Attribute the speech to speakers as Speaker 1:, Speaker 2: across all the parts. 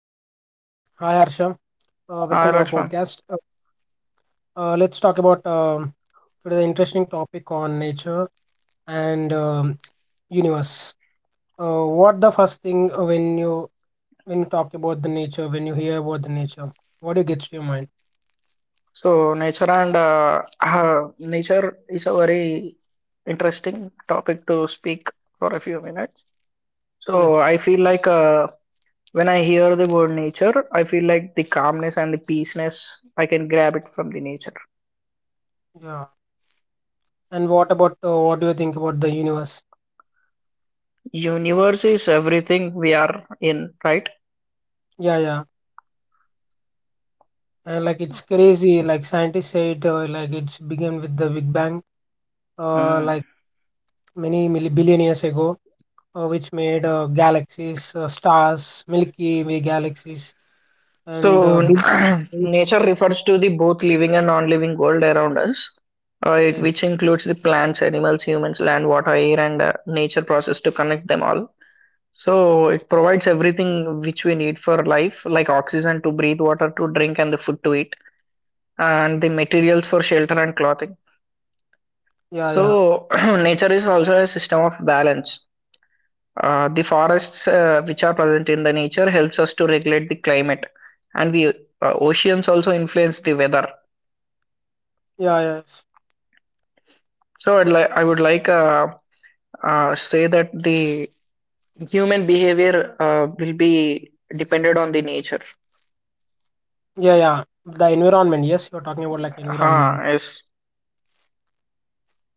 Speaker 1: Uh, yeah, Hi Arsham.
Speaker 2: Hi,
Speaker 1: Welcome to our
Speaker 2: Lakshman.
Speaker 1: podcast. Let's talk about today the interesting topic on nature and universe. What the first thing when you talk about the nature, when you hear about the nature, what do you get to your mind?
Speaker 2: So nature is a very interesting topic to speak for a few minutes.
Speaker 1: Yes,
Speaker 2: So, I feel like when I hear the word nature, I feel like the calmness and the peaceness I can grab it from the nature.
Speaker 1: yeah. And what about What do you think about the universe?
Speaker 2: Universe is everything we are in, right?
Speaker 1: Yeah, yeah. And like it's crazy. Like scientists said, like it's began with the Big Bang.
Speaker 2: Hmm.
Speaker 1: Like billion years ago, which made galaxies, stars, Milky Way galaxies, and
Speaker 2: So,
Speaker 1: big.
Speaker 2: nature refers to the both living and non-living world around us,
Speaker 1: Yes.
Speaker 2: which includes the plants, animals, humans, land, water, air, and nature process to connect them all. So, it provides everything which we need for life, like oxygen to breathe, water to drink, and the food to eat, and the materials for shelter and clothing.
Speaker 1: Yeah. Yeah.
Speaker 2: So, nature is also a system of balance. The forests which are present in the nature helps us to regulate the climate, and the oceans also influence the weather.
Speaker 1: Yeah. Yes.
Speaker 2: So I'd like I would like say that the human behavior will be dependent on the nature.
Speaker 1: Yeah. Yeah. The environment. Yes, you're talking about like
Speaker 2: Huh,
Speaker 1: environment.
Speaker 2: yes.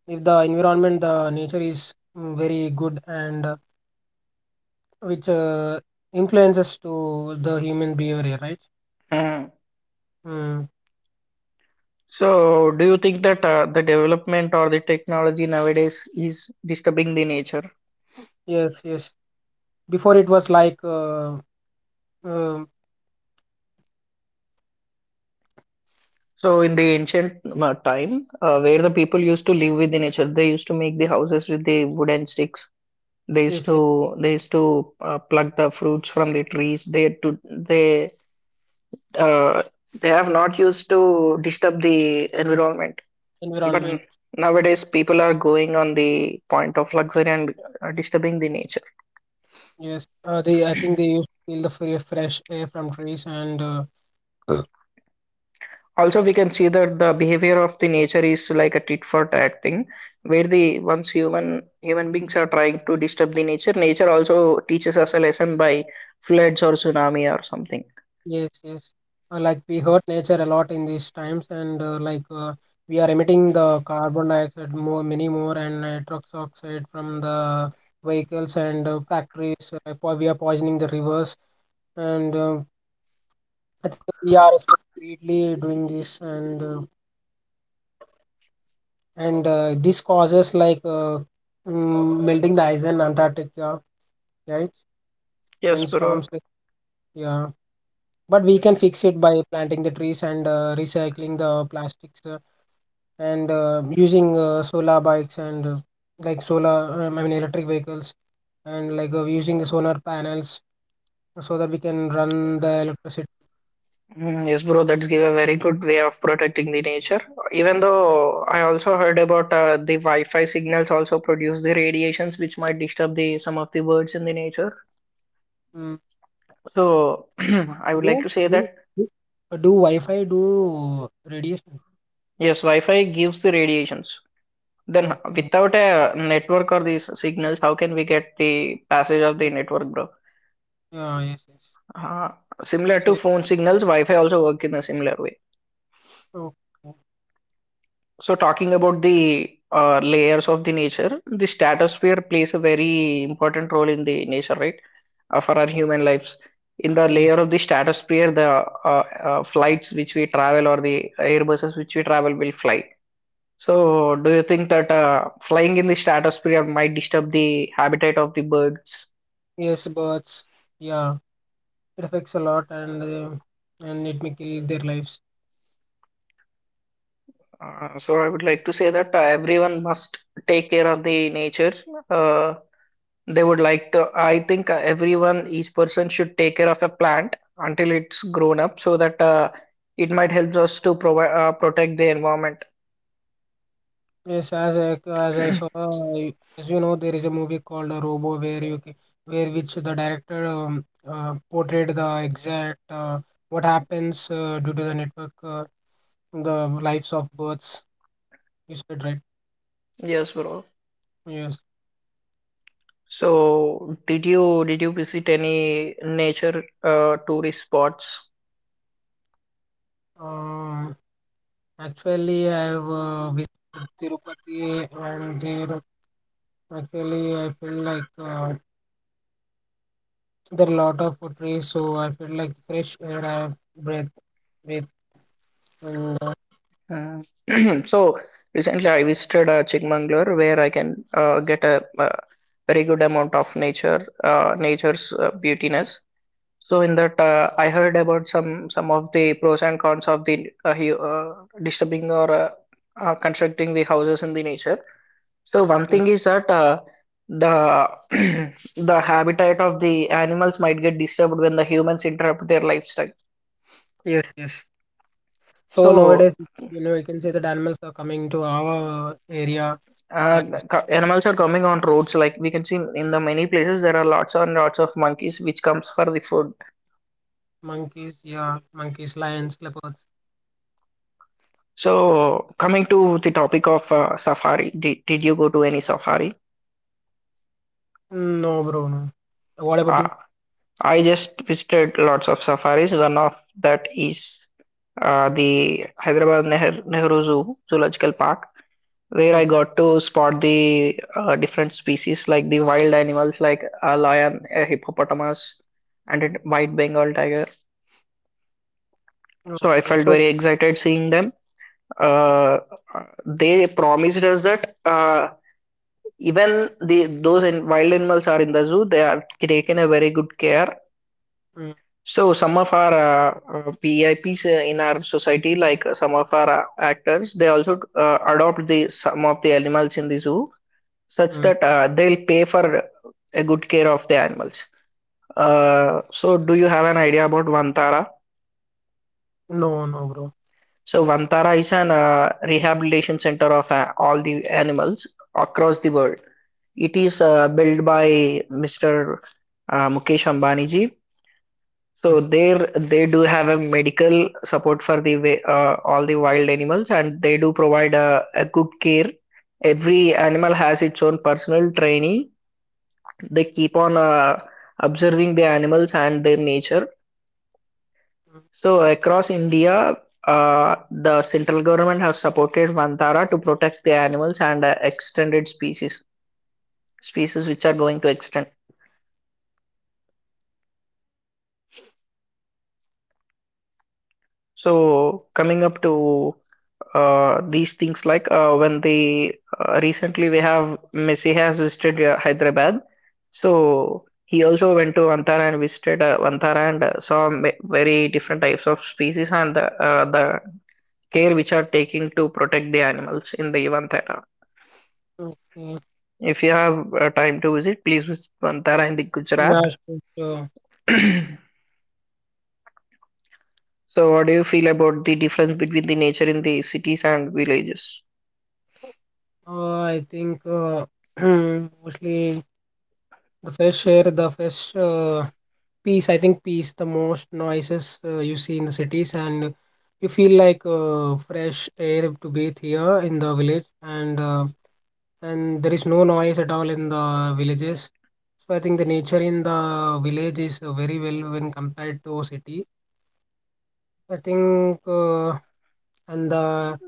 Speaker 1: If the environment, the nature is very good and which influences to the human behavior, right?
Speaker 2: Hmm.
Speaker 1: Mm.
Speaker 2: So do you think that the development or the technology nowadays is disturbing the nature?
Speaker 1: Yes. Yes. Before it was like um
Speaker 2: So in the ancient time, where the people used to live with the nature, they used to make the houses with the wooden sticks. They used
Speaker 1: yes, yes,
Speaker 2: to pluck the fruits from the trees. Uh, they have not used to disturb the environment. But
Speaker 1: environment.
Speaker 2: nowadays, people are going on the point of luxury and disturbing the nature.
Speaker 1: Yes. They. I think they used to feel the fresh air from trees and.
Speaker 2: Also, we can see that the behavior of the nature is like a tit for tat thing, where the once human beings are trying to disturb the nature, nature also teaches us a lesson by floods or tsunami or something.
Speaker 1: Yes, yes. Like we hurt nature a lot in these times, and we are emitting the carbon dioxide more, many more, and nitrous oxide from the vehicles and factories. Like, we are poisoning the rivers, and we are secretly doing this, and this causes like melting the ice in Antarctica, right?
Speaker 2: Yes,
Speaker 1: And
Speaker 2: bro.
Speaker 1: storms. Yeah, but we can fix it by planting the trees and recycling the plastics. And using solar bikes and like solar I mean electric vehicles and like using the solar panels so that we can run the electricity.
Speaker 2: Mm, yes, bro, that's give a very good way of protecting the nature. Even though I also heard about the Wi-Fi signals also produce the radiations which might disturb the some of the birds in the nature.
Speaker 1: Mm.
Speaker 2: So I would like to
Speaker 1: do,
Speaker 2: say that
Speaker 1: do, do do Wi-Fi do radiation?
Speaker 2: yes, Wi-Fi gives the radiations. Then
Speaker 1: Okay.
Speaker 2: without a network or these signals, how can we get the passage of
Speaker 1: Yeah,
Speaker 2: the network, bro?
Speaker 1: yeah. Yes, yes.
Speaker 2: Uh, similar to
Speaker 1: Say-
Speaker 2: phone signals, Wi-Fi also work in a similar way.
Speaker 1: okay.
Speaker 2: So talking about the layers of the nature, the stratosphere plays a very important role in the nature, right? For our human lives. In the layer
Speaker 1: Yes,
Speaker 2: of the stratosphere, the flights which we travel or the airbuses which we travel will fly. So do you think that flying in the stratosphere might disturb the habitat of the birds?
Speaker 1: yes, birds. Yeah, it affects a lot, and it may kill their lives.
Speaker 2: So I would like to say that everyone must take care of the nature. Uh, They would like to, I think everyone, each person should take care of a plant until it's grown up so that it might help us to provide, protect the environment.
Speaker 1: Yes, as I saw, as you know, there is a movie called Robo, where which the director portrayed the exact what happens due to the network, the lives of birds. You said, right?
Speaker 2: Yes, bro.
Speaker 1: Yes.
Speaker 2: So, did you visit any nature tourist spots?
Speaker 1: Um, Actually, I have visited Tirupati, and there actually I feel like there are a lot of trees, so I feel like fresh air I have breath, and
Speaker 2: Uh, so recently I visited Chikmagalur where I can get a very good amount of nature, nature's beautiness. So in that, I heard about some of the pros and cons of the disturbing or constructing the houses in the nature. So one
Speaker 1: mm,
Speaker 2: thing is that the the habitat of the animals might get disturbed when the humans interrupt their lifestyle.
Speaker 1: yes, yes. So nowadays,
Speaker 2: So
Speaker 1: you can say that animals are coming to our area
Speaker 2: uh,
Speaker 1: and
Speaker 2: animals are coming on roads. Like we can see in the many places, there are lots and lots of monkeys which comes for the food.
Speaker 1: monkeys, yeah, monkeys, lions, leopards.
Speaker 2: So coming to the topic of safari, did you go to any safari?
Speaker 1: No, bro, no. What about
Speaker 2: Uh,
Speaker 1: you?
Speaker 2: I just visited lots of safaris. One of that is the Nehru Zoological Park, where I
Speaker 1: Okay,
Speaker 2: got to spot the different species like the wild animals like a lion, a hippopotamus, and a white Bengal tiger. So I
Speaker 1: okay.
Speaker 2: felt
Speaker 1: So,
Speaker 2: very excited seeing them. Uh, they promised us that even the those in wild animals are in the zoo, they are taken a very good care.
Speaker 1: mm,
Speaker 2: So some of our VIPs in our society, like some of our actors, they also adopt the some of the animals in the zoo, such
Speaker 1: mm,
Speaker 2: that they'll pay for a good care of the animals. So do you have an idea about Vantara?
Speaker 1: no, no, bro.
Speaker 2: So Vantara is an rehabilitation center of all the animals across the world. It is built by Mr. Mukesh Ambani ji.
Speaker 1: Mm,
Speaker 2: So there they do have a medical support for the all the wild animals and they do provide a good care. Every animal has its own personal training. They keep on observing the animals and their nature.
Speaker 1: mm.
Speaker 2: So across India, the central government has supported Vantara to protect the animals and extended species, species which are going to extend.
Speaker 1: So,
Speaker 2: So coming up to these things like when they recently we have Messi has visited Hyderabad, so he also went to Antara and visited Antara and saw very different types of species and the care which are taking to protect the animals in the Vantara.
Speaker 1: okay.
Speaker 2: If you have time to visit, please visit Vantara in the
Speaker 1: Yeah,
Speaker 2: Gujarat.
Speaker 1: sure, sure.
Speaker 2: So, what do you feel about the difference between the nature in the cities and villages?
Speaker 1: I think mostly the fish here, the fish. Peace, I think peace, the most noises you see in the cities, and you feel like fresh air to breathe here in the village, and there is no noise at all in the villages. So I think the nature in the village is very well when compared to city. I think, and the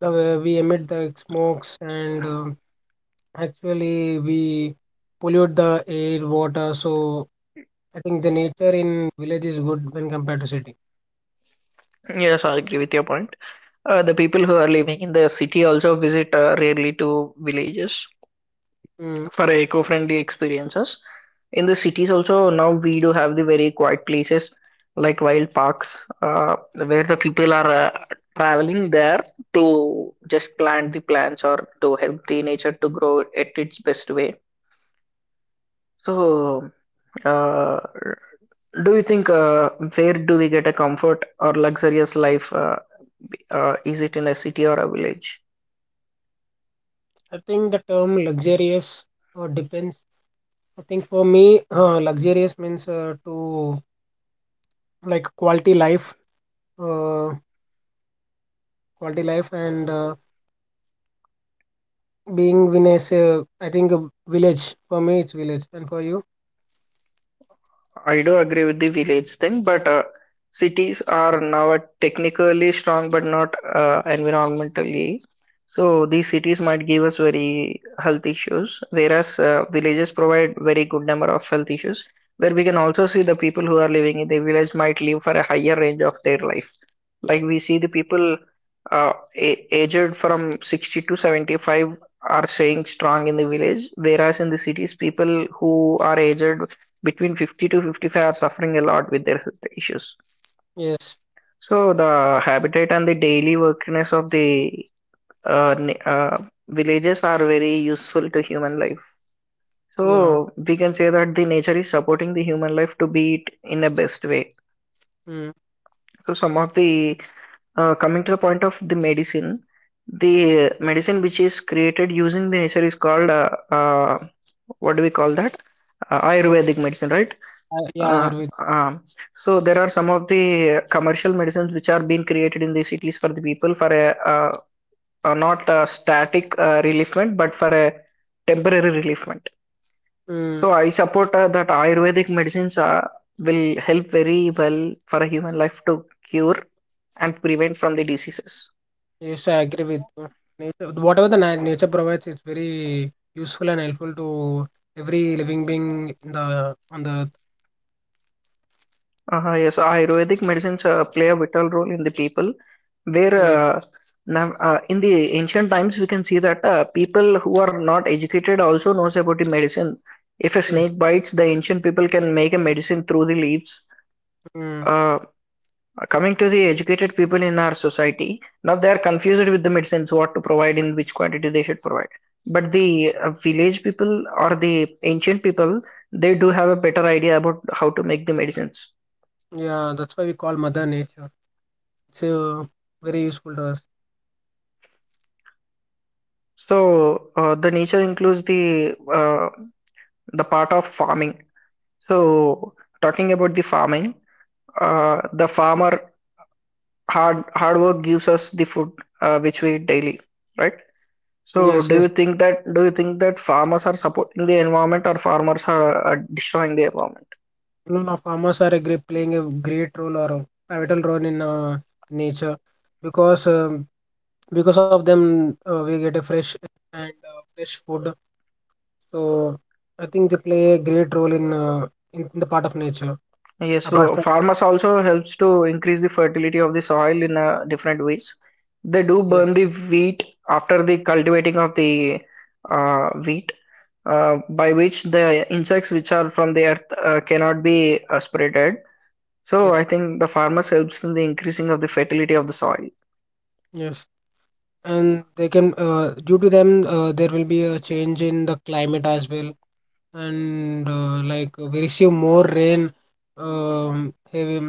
Speaker 1: the way we emit the smokes and actually we pollute the air, water. So I think the nature in village is good when compared to city.
Speaker 2: Yes, I agree with your point. The people who are living in the city also visit rarely to villages
Speaker 1: Mm.
Speaker 2: for eco-friendly experiences. In the cities also now we do have the very quiet places like wild parks where the people are traveling there to just plant the plants or to help the nature to grow at its best way. So, uh, do you think where do we get a comfort or luxurious life? Is it in a city or a village?
Speaker 1: I think the term luxurious depends. I think for me, luxurious means to like uh, quality life, and being in a, I think a village. For me, it's village, and for you.
Speaker 2: I do agree with the village thing, but cities are now technically strong but not environmentally. So these cities might give us very health issues, whereas villages provide very good number of health issues. Where we can also see the people who are living in the village might live for a higher range of their life. Like we see the people aged from 60 to 75 are staying strong in the village, whereas in the cities, people who are aged between 50 to 55 are suffering a lot with their health issues.
Speaker 1: Yes.
Speaker 2: So the habitat and the daily workiness of the uh, ni- uh, villages are very useful to human life.
Speaker 1: Yeah.
Speaker 2: So we can say that the nature is supporting the human life to be it in a best way.
Speaker 1: Mm.
Speaker 2: So some of the coming to the point of the medicine which is created using the nature is called what do we call that? Ayurvedic medicine, right?
Speaker 1: I, yeah, I
Speaker 2: Uh,
Speaker 1: agree with.
Speaker 2: um, so there are some of the commercial medicines which are being created in the cities for the people for uh, not a static reliefment but for a temporary reliefment.
Speaker 1: Mm.
Speaker 2: So I support that Ayurvedic medicines will help very well for a human life to cure and prevent from the diseases.
Speaker 1: Yes, I agree with you. Nature, whatever the na nature provides, it's very useful and helpful to every living being in the, on the earth.
Speaker 2: Yes, Ayurvedic medicines play a vital role in the people. Where
Speaker 1: Mm.
Speaker 2: now, in the ancient times, we can see that people who are not educated also knows about the medicine. If a
Speaker 1: Yes.
Speaker 2: snake bites, the ancient people can make a medicine through the leaves.
Speaker 1: Mm.
Speaker 2: Uh, coming to the educated people in our society, now they are confused with the medicines, what to provide, in which quantity they should provide. But the village people or the ancient people, they do have a better idea about how to make the medicines.
Speaker 1: Yeah, that's why we call Mother Nature. It's very useful to us.
Speaker 2: So the nature includes the part of farming. So talking about the farming, the farmer hard work gives us the food which we eat daily, right? So
Speaker 1: Yes,
Speaker 2: do you
Speaker 1: yes.
Speaker 2: think that farmers are supporting the environment or farmers are destroying the environment?
Speaker 1: No, no, farmers are a great, playing a great role or a pivotal role in nature because um, because of them we get a fresh and fresh food. So I think they play a great role in in the part of nature.
Speaker 2: Yes,
Speaker 1: Apart
Speaker 2: bro.
Speaker 1: from.
Speaker 2: Farmers also helps to increase the fertility of the soil in different ways. They do
Speaker 1: Yes,
Speaker 2: burn the wheat after the cultivating of the wheat by which the insects which are from the earth cannot be spreaded.
Speaker 1: yes,
Speaker 2: So I think the farmers helps in the increasing of the fertility of the soil.
Speaker 1: yes, and they can due to them there will be a change in the climate as well, and like we receive more rain, heavy,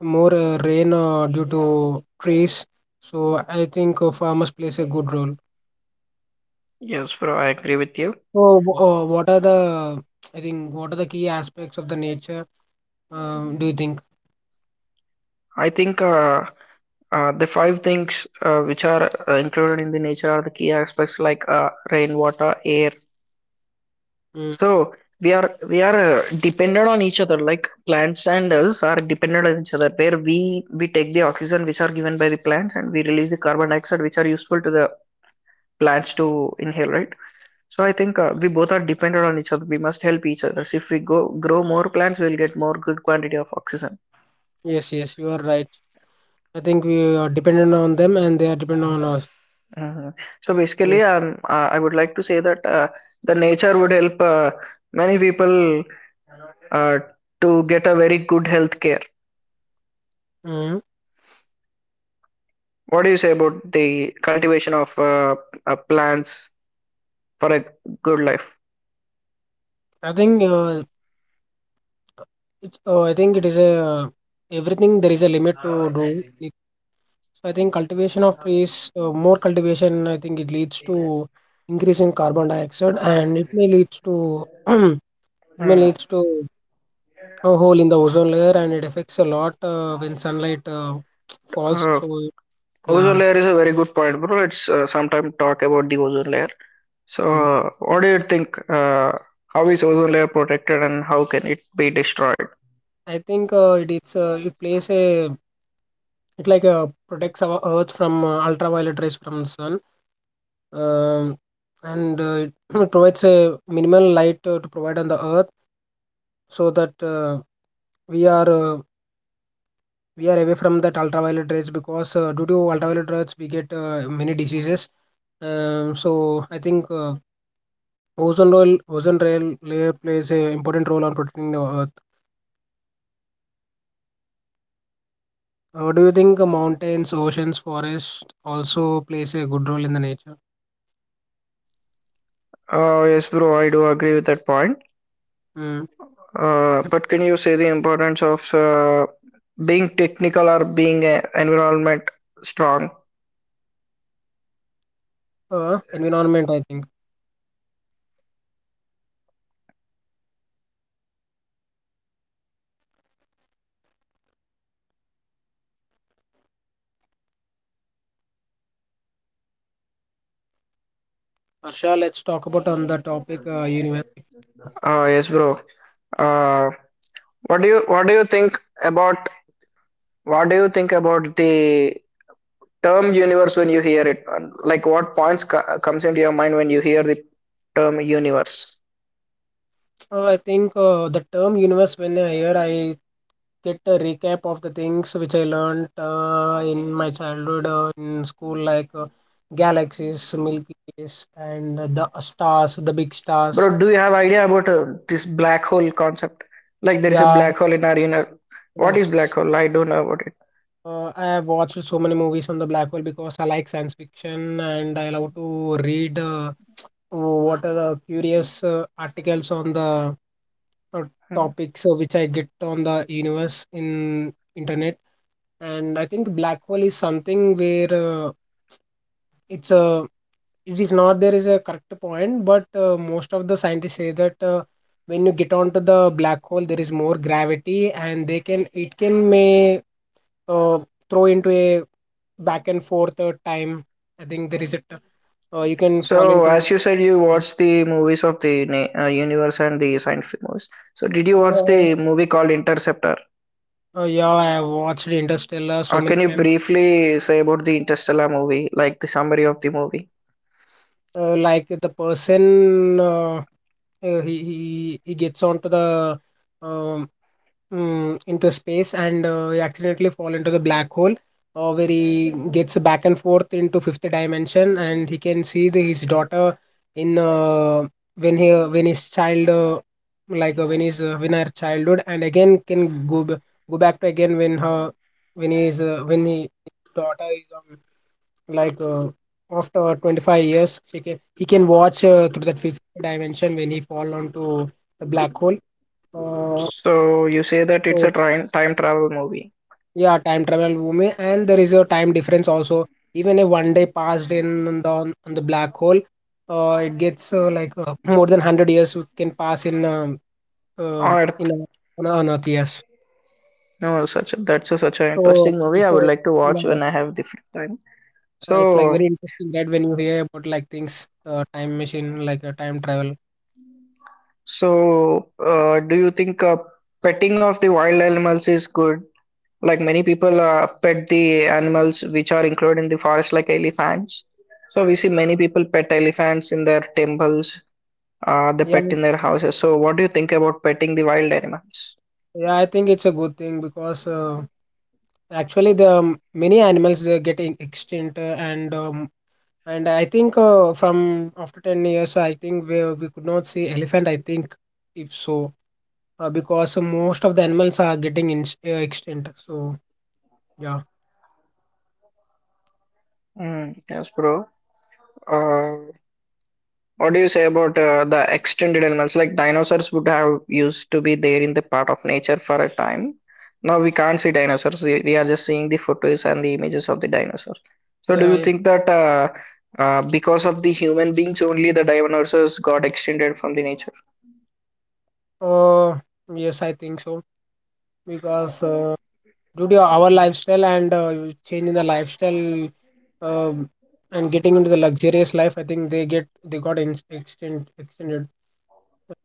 Speaker 1: more rain due to trees. So I think farmers plays a good role.
Speaker 2: Yes, bro, I agree with you.
Speaker 1: So, what are the. I think what are the key aspects of the nature? Do you think?
Speaker 2: I think the five things which are included in the nature are the key aspects like rainwater, air.
Speaker 1: Mm,
Speaker 2: So we are dependent on each other. Like plants and us are dependent on each other, where we take the oxygen which are given by the plants and we release the carbon dioxide which are useful to the plants to inhale, right? So I think we both are dependent on each other. We must help each other. So if we go grow more plants, we'll get more good quantity of oxygen.
Speaker 1: yes, yes, you are right. I think we are dependent on them and they are dependent on us.
Speaker 2: Mhm. So
Speaker 1: Yeah.
Speaker 2: basically, I would like to say that the nature would help many people uh, to get a very good health care.
Speaker 1: Mhm.
Speaker 2: What do you say about the cultivation of plants for a good life?
Speaker 1: I think I think it is a everything there is a limit to do. It- So I think cultivation of trees, more cultivation, I think it leads to increase in carbon dioxide and it may leads to it may
Speaker 2: Hmm.
Speaker 1: leads to a hole in the ozone layer and it affects a lot when sunlight falls.
Speaker 2: Uh,
Speaker 1: So
Speaker 2: Ozone
Speaker 1: yeah.
Speaker 2: layer is a very good point, bro. Let's sometime talk about the ozone layer. So,
Speaker 1: Mm.
Speaker 2: what do you think? How is ozone layer protected and how can it be destroyed?
Speaker 1: I think it is it plays a It. Like protects our Earth from ultraviolet rays from the sun, um, and it provides a minimal light to provide on the Earth, so that we are uh, we are away from that ultraviolet rays because due to ultraviolet rays we get many diseases. So I think ozone rail layer plays a important role on protecting the Earth. Do you think mountains, oceans, forests also plays a good role in the nature?
Speaker 2: Yes, bro, I do agree with that point.
Speaker 1: Mm.
Speaker 2: But can you say the importance of being technical or being environment strong?
Speaker 1: Environment, I think. Harsha, let's talk about on the topic universe.
Speaker 2: Yes, bro. Uh, what do you think about what do you think about the term universe when you hear it? Like, what points comes into your mind when you hear the term universe?
Speaker 1: I think the term universe, when I hear, I get a recap of the things which I learned in my childhood in school, like galaxies, Milky Ways, and the stars, the big stars.
Speaker 2: Bro, do you have idea about this black hole concept? Like there is a
Speaker 1: Yeah,
Speaker 2: black hole in our universe. What is black
Speaker 1: yes.
Speaker 2: hole? I don't know about it.
Speaker 1: I have watched so many movies on the black hole because I like science fiction and I love to read what are the curious articles on the uh,
Speaker 2: Mhm.
Speaker 1: topics which I get on the universe in internet, and I think black hole is something where it's a it is not there is a correct point, but most of the scientists say that when you get onto the black hole, there is more gravity, and they can it can may uh, throw into a back and forth time. I think there is a you can fall
Speaker 2: So,
Speaker 1: into.
Speaker 2: as you said, you watch the movies of the universe and the science fiction movies. So, did you watch
Speaker 1: Yeah,
Speaker 2: the movie called Interceptor?
Speaker 1: yeah, I have watched Interstellar so many
Speaker 2: Can you
Speaker 1: times.
Speaker 2: briefly say about the Interstellar movie, like the summary of the movie?
Speaker 1: Like the person he gets onto the um, into space and he accidentally fall into the black hole where he gets back and forth into fifth dimension and he can see his daughter in when he when his child when her childhood and again can go go back to again when he daughter is on like after 25 years she can he can watch through that fifth dimension when he fall onto the black hole. uh,
Speaker 2: So, you say that it's
Speaker 1: so
Speaker 2: a time travel movie
Speaker 1: yeah, time travel movie, and there is a time difference also. Even a one day passed in the on, the black hole, it gets like more than 100 years we can pass uh,
Speaker 2: on Earth.
Speaker 1: in a, on earth. Yes.
Speaker 2: No, such a, that's a, such an
Speaker 1: So
Speaker 2: interesting movie.
Speaker 1: it's,
Speaker 2: I would
Speaker 1: a,
Speaker 2: like to watch
Speaker 1: yeah,
Speaker 2: when I have the free time.
Speaker 1: it's like very
Speaker 2: So.
Speaker 1: interesting that when you hear about like things time machine like a time travel.
Speaker 2: So, do you think petting of the wild animals is good? Like many people pet the animals which are included in the forest, like elephants. So we see many people pet elephants in their temples, they
Speaker 1: Yeah.
Speaker 2: pet in their houses. So what do you think about petting the wild animals?
Speaker 1: Yeah, I think it's a good thing because actually the many animals they are getting extinct and I think from after 10 years I think we could not see elephant I think. If so, because most of the animals are getting in, extinct. So yeah,
Speaker 2: Mm, yes, bro. Uh, What do you say about the extended elements? Like dinosaurs would have used to be there in the part of nature for a time. Now we can't see dinosaurs. We are just seeing the photos and the images of the dinosaurs. So do
Speaker 1: yeah,
Speaker 2: you
Speaker 1: yeah.
Speaker 2: think that because of the human beings only the dinosaurs got extended from the nature?
Speaker 1: uh, yes, I think so because due to our lifestyle and change the lifestyle, um, and getting into the luxurious life I think they got in, extinct extended.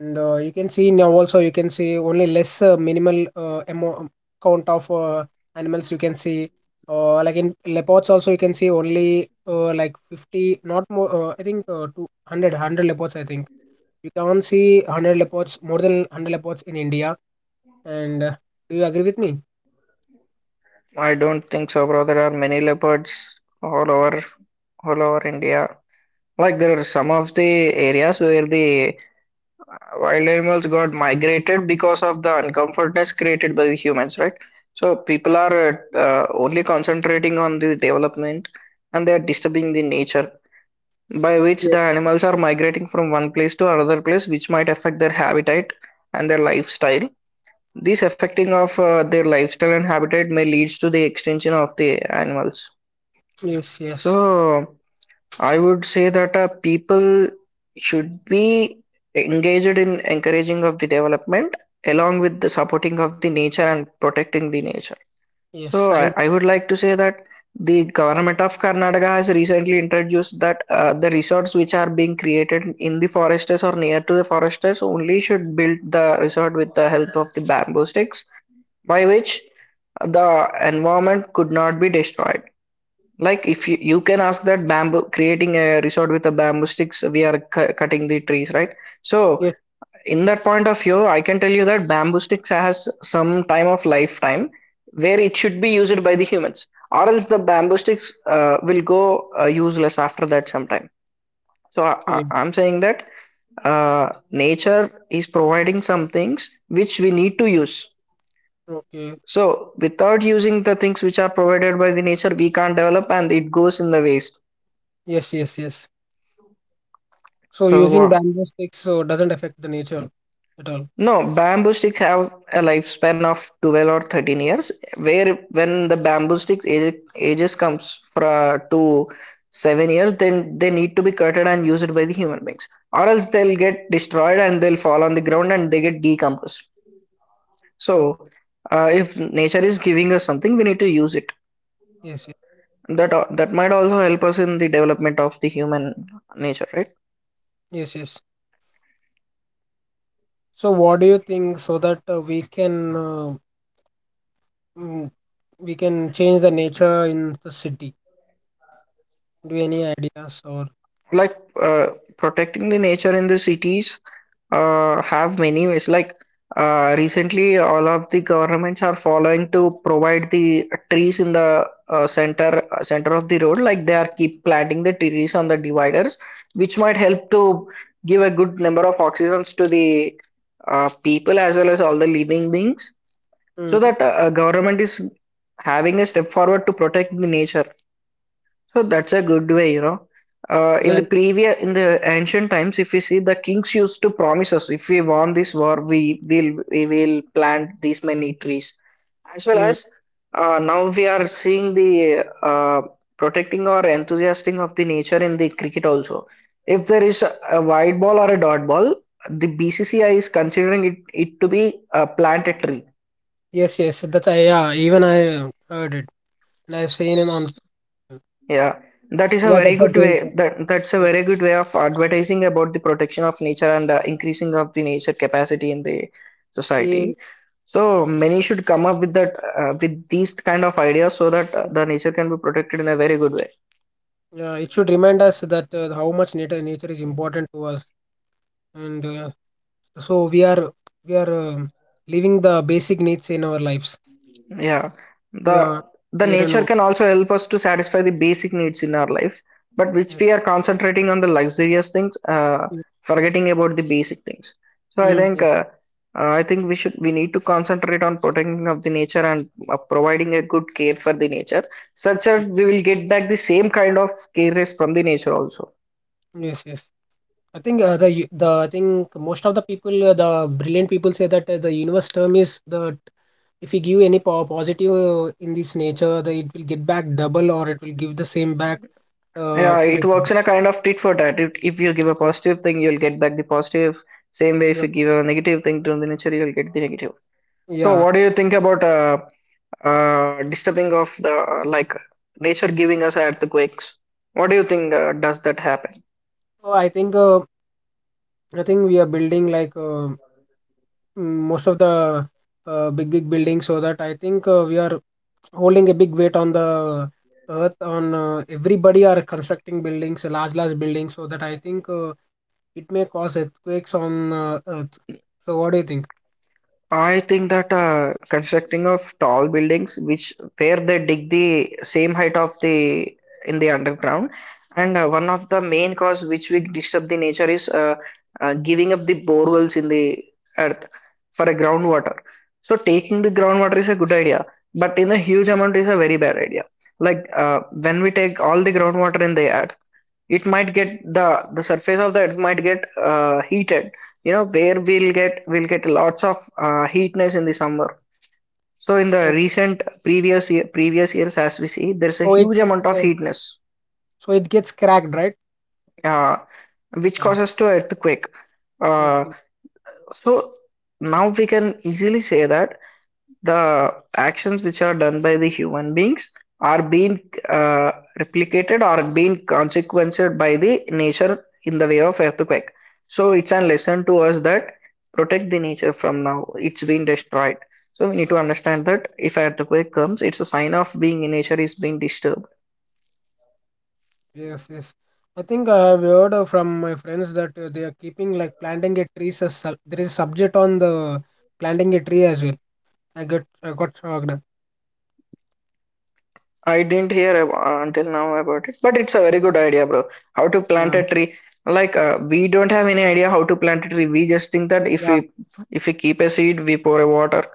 Speaker 1: And you can see now also you can see only less minimal count of animals you can see. Like in leopards also you can see only like 50 not more, I think 200 leopards I think. You can't see 100 leopards, more than 100 leopards in India. And do you agree with me?
Speaker 2: I don't think so, bro. There are many leopards all over India. Like there are some of the areas where the wild animals got migrated because of the uncomfortness created by the humans, right? So people are only concentrating on the development and they are disturbing the nature by which
Speaker 1: Yes,
Speaker 2: the animals are migrating from one place to another place which might affect their habitat and their lifestyle. This affecting of their lifestyle and habitat may leads to the extinction of the animals.
Speaker 1: yes, yes,
Speaker 2: So I would say that people should be engaged in encouraging of the development along with the supporting of the nature and protecting the nature.
Speaker 1: yes.
Speaker 2: So I,
Speaker 1: I
Speaker 2: I would like to say that the government of Karnataka has recently introduced that the resorts which are being created in the foresters or near to the foresters only should build the resort with the help of the bamboo sticks by which the environment could not be destroyed. Like if you can ask that bamboo creating a resort with a bamboo sticks, we are cutting the trees, right? So
Speaker 1: Yes.
Speaker 2: in that point of view, I can tell you that bamboo sticks has some time of lifetime where it should be used by the humans, or else the bamboo sticks will go useless after that sometime. So I, I,
Speaker 1: Okay,
Speaker 2: I'm saying that nature is providing some things which we need to use.
Speaker 1: okay.
Speaker 2: So without using the things which are provided by the nature, we can't develop and it goes in the waste.
Speaker 1: Yes, yes, yes. So
Speaker 2: So
Speaker 1: using
Speaker 2: what?
Speaker 1: bamboo sticks so doesn't affect the nature at all.
Speaker 2: No, bamboo sticks have a lifespan of 12 or 13 years, where when the bamboo sticks age, ages comes from to 7 years, then they need to be cutted and used by the human beings, or else they'll get destroyed and they'll fall on the ground and they get decomposed.
Speaker 1: No.
Speaker 2: So, if nature is giving us something, we need to use it.
Speaker 1: Yes, yes,
Speaker 2: That that might also help us in the development of the human nature, right?
Speaker 1: yes, yes. So, what do you think so that mm, we can change the nature in the city? Do you any ideas or.
Speaker 2: Like protecting the nature in the cities have many ways like recently all of the governments are following to provide the trees in the center center of the road like they are keep planting the trees on the dividers which might help to give a good number of oxygens to the people as well as all the living beings so
Speaker 1: Mm,
Speaker 2: that government is having a step forward to protect the nature, so that's a good way, you know. In
Speaker 1: yeah?
Speaker 2: the previous, in the ancient times, if we see the kings used to promise us, if we won this war, we will plant these many trees. As well
Speaker 1: Mm,
Speaker 2: as now we are seeing the protecting or enthusiastic of the nature in the cricket also. If there is a wide ball or a dot ball, the BCCI is considering it to be plant a tree.
Speaker 1: yes, yes. That's I, yeah. Even I heard it and I've seen it on.
Speaker 2: Yeah, that is a
Speaker 1: Yeah.
Speaker 2: very
Speaker 1: That's a
Speaker 2: good
Speaker 1: great.
Speaker 2: way. That that's a
Speaker 1: Yeah.
Speaker 2: very good way of advertising about the protection of nature and increasing of the nature capacity in the
Speaker 1: Eh.
Speaker 2: society. So many should come up with that with these kind of ideas so that the nature can be protected in a very good way.
Speaker 1: Yeah, it should remind us that how much nature is important to us, and so we are living the basic needs in our lives.
Speaker 2: Yeah,
Speaker 1: Yeah,
Speaker 2: the the
Speaker 1: air and
Speaker 2: nature
Speaker 1: water.
Speaker 2: can also help us to satisfy the basic needs in our life, but which
Speaker 1: Yes,
Speaker 2: we are concentrating on the luxurious things,
Speaker 1: yes.
Speaker 2: forgetting about the basic things. So I
Speaker 1: Mm,
Speaker 2: think
Speaker 1: yes.
Speaker 2: we need to concentrate on protecting of the nature and providing a good care for the nature, such
Speaker 1: Mm,
Speaker 2: that we will get back the same kind of care is from the nature also.
Speaker 1: yes. Yes. I think the u- the I think most of the people, the brilliant people, say that the universe term is that if we give any positive in this nature, it will get back double or it will give the same back
Speaker 2: Yeah,
Speaker 1: in
Speaker 2: it works
Speaker 1: return.
Speaker 2: in a kind of tit for tat. If you give a
Speaker 1: So,
Speaker 2: positive thing, you'll get back the positive. Same way, if
Speaker 1: yeah,
Speaker 2: you give a negative thing to the nature, you'll get the negative. So,
Speaker 1: yeah.
Speaker 2: what do you think about disturbing of the like nature giving us earthquakes? What do you think does that happen?
Speaker 1: So I think we are building like most of the big buildings, so that I think we are holding a big weight on the earth on everybody are constructing buildings large buildings so that I think, it may cause earthquakes on earth. So what do you think?
Speaker 2: I think that constructing of tall buildings, which where they dig the same height of the in the underground, and one of the main cause which we disturb the nature is giving up the boreholes in the earth for a groundwater. So taking the groundwater is a good idea, but in a huge amount is a very bad idea. Like when we take all the groundwater in the earth, it might get the surface of the earth might get heated, you know, where we'll get lots of heatness in the summer. So in the
Speaker 1: so,
Speaker 2: recent previous year, previous years as we see there's a
Speaker 1: so it
Speaker 2: huge amount
Speaker 1: gets
Speaker 2: of
Speaker 1: uh,
Speaker 2: heatness
Speaker 1: so it gets cracked, right?
Speaker 2: uh, which
Speaker 1: uh,
Speaker 2: causes to earthquake. uh,
Speaker 1: okay.
Speaker 2: so now we can easily say that the actions which are done by the human beings are being uh, replicated or being consequenced by the nature in the way of earthquake. So it's a lesson to us that protect the nature from now. It's being destroyed. So we need to understand that if earthquake comes, it's a sign of being nature is being disturbed.
Speaker 1: Yes, yes. I think I have heard from my friends that they are keeping like planting a tree as there is a subject on the planting a tree as well. I got shocked.
Speaker 2: I didn't hear until now about it, but it's a very good idea, bro. How to plant
Speaker 1: Yeah,
Speaker 2: a tree? Like we don't have any idea how to plant a tree. We just think that if
Speaker 1: yeah,
Speaker 2: we if we keep a seed, we pour a water,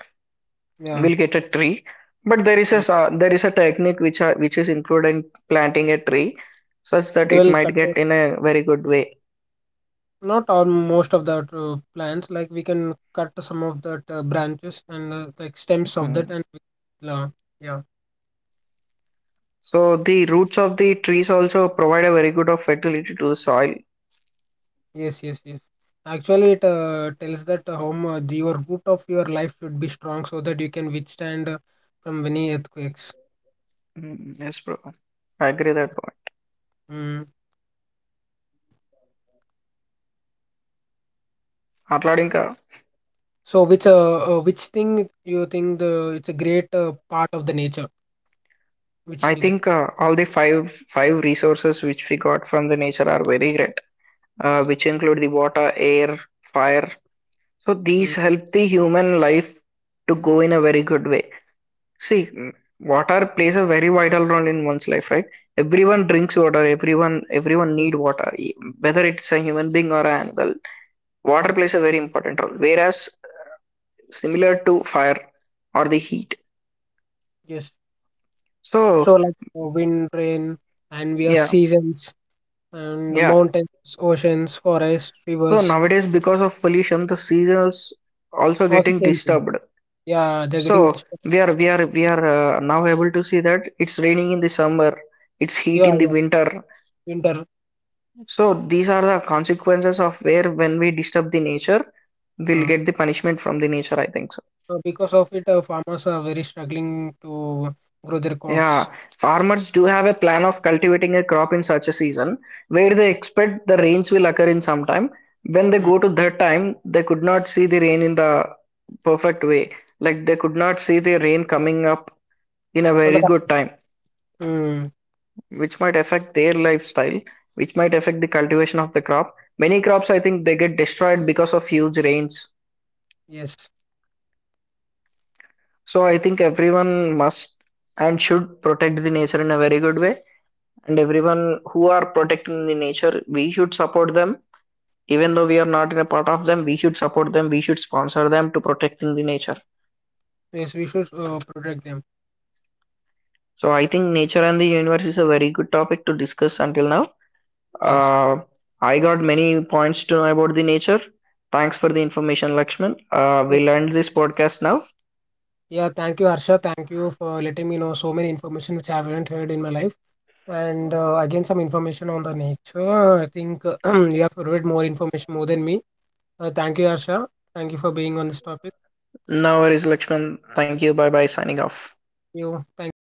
Speaker 1: yeah.
Speaker 2: we'll get a tree. But there is a
Speaker 1: Mm.
Speaker 2: there is a technique which are, which is included in planting a tree, such
Speaker 1: They
Speaker 2: that it
Speaker 1: will cut,
Speaker 2: might get in a very good way.
Speaker 1: not all most of the plants. Like we can cut some of that branches and like stems of
Speaker 2: Mm.
Speaker 1: that, and yeah,
Speaker 2: So the roots of the trees also provide a very good of fertility to the soil.
Speaker 1: yes, yes, yes. Actually, it tells that the your root of your life should be strong so that you can withstand from many earthquakes.
Speaker 2: Mm, yes, bro. I agree that point.
Speaker 1: Mm.
Speaker 2: Atladinka.
Speaker 1: So, which thing you think the it's a great part of the nature? Which
Speaker 2: I
Speaker 1: thing?
Speaker 2: think all the five resources which we got from the nature are very great, which include the water, air, fire. So
Speaker 1: Mm.
Speaker 2: these help the human life to go in a very good way. See, mm, water plays a very vital role in one's life, right? Everyone drinks water. Everyone need water, whether it's a human being or an animal. Water plays a very important role. Whereas similar to fire or the heat.
Speaker 1: Yes. So,
Speaker 2: So
Speaker 1: like wind, rain, and we are
Speaker 2: yeah,
Speaker 1: seasons. And
Speaker 2: yeah.
Speaker 1: mountains, oceans, forests,
Speaker 2: So
Speaker 1: rivers,
Speaker 2: nowadays, because of pollution, the seasons also
Speaker 1: also
Speaker 2: getting
Speaker 1: changing.
Speaker 2: disturbed.
Speaker 1: Yeah, they're getting
Speaker 2: So
Speaker 1: disturbed.
Speaker 2: we are now able to see that it's raining in the summer, it's heat
Speaker 1: Yeah,
Speaker 2: in the
Speaker 1: yeah,
Speaker 2: winter.
Speaker 1: winter.
Speaker 2: So these are the consequences of where when we disturb the nature, we'll
Speaker 1: Uh,
Speaker 2: get the punishment from the nature, I think. So.
Speaker 1: because of it, farmers are very struggling to grow their crops.
Speaker 2: Yeah, farmers do have a plan of cultivating a crop in such a season where they expect the rains will occur in some time. When they
Speaker 1: Mm.
Speaker 2: go to that time, they could not see the rain in the perfect way. Like they could not see the rain coming up in a
Speaker 1: On the
Speaker 2: very
Speaker 1: cor-
Speaker 2: good time,
Speaker 1: mm.
Speaker 2: which might affect their lifestyle, which might affect the cultivation of the crop. Many crops, I think, they get destroyed because of huge rains.
Speaker 1: Yes,
Speaker 2: So I think everyone must and should protect the nature in a very good way, and everyone who are protecting the nature we should support them, even though we are not in a part of them we should support them, we should sponsor them to protecting the nature.
Speaker 1: yes, we should protect them.
Speaker 2: So I think nature and the universe is a very good topic to discuss until now.
Speaker 1: Yes.
Speaker 2: uh, I got many points to know about the nature. Thanks for the information, Lakshman.
Speaker 1: Uh,
Speaker 2: We'll end this podcast now.
Speaker 1: Yeah, thank you, Harsha. Thank you for letting me know so many information which I haven't heard in my life. And again, some information on the nature. I think you have provided more information more than me. Thank you, Harsha. Thank you for being on this topic.
Speaker 2: Now it is Lakshman. Thank you. Bye bye, signing off.
Speaker 1: You. Thank you.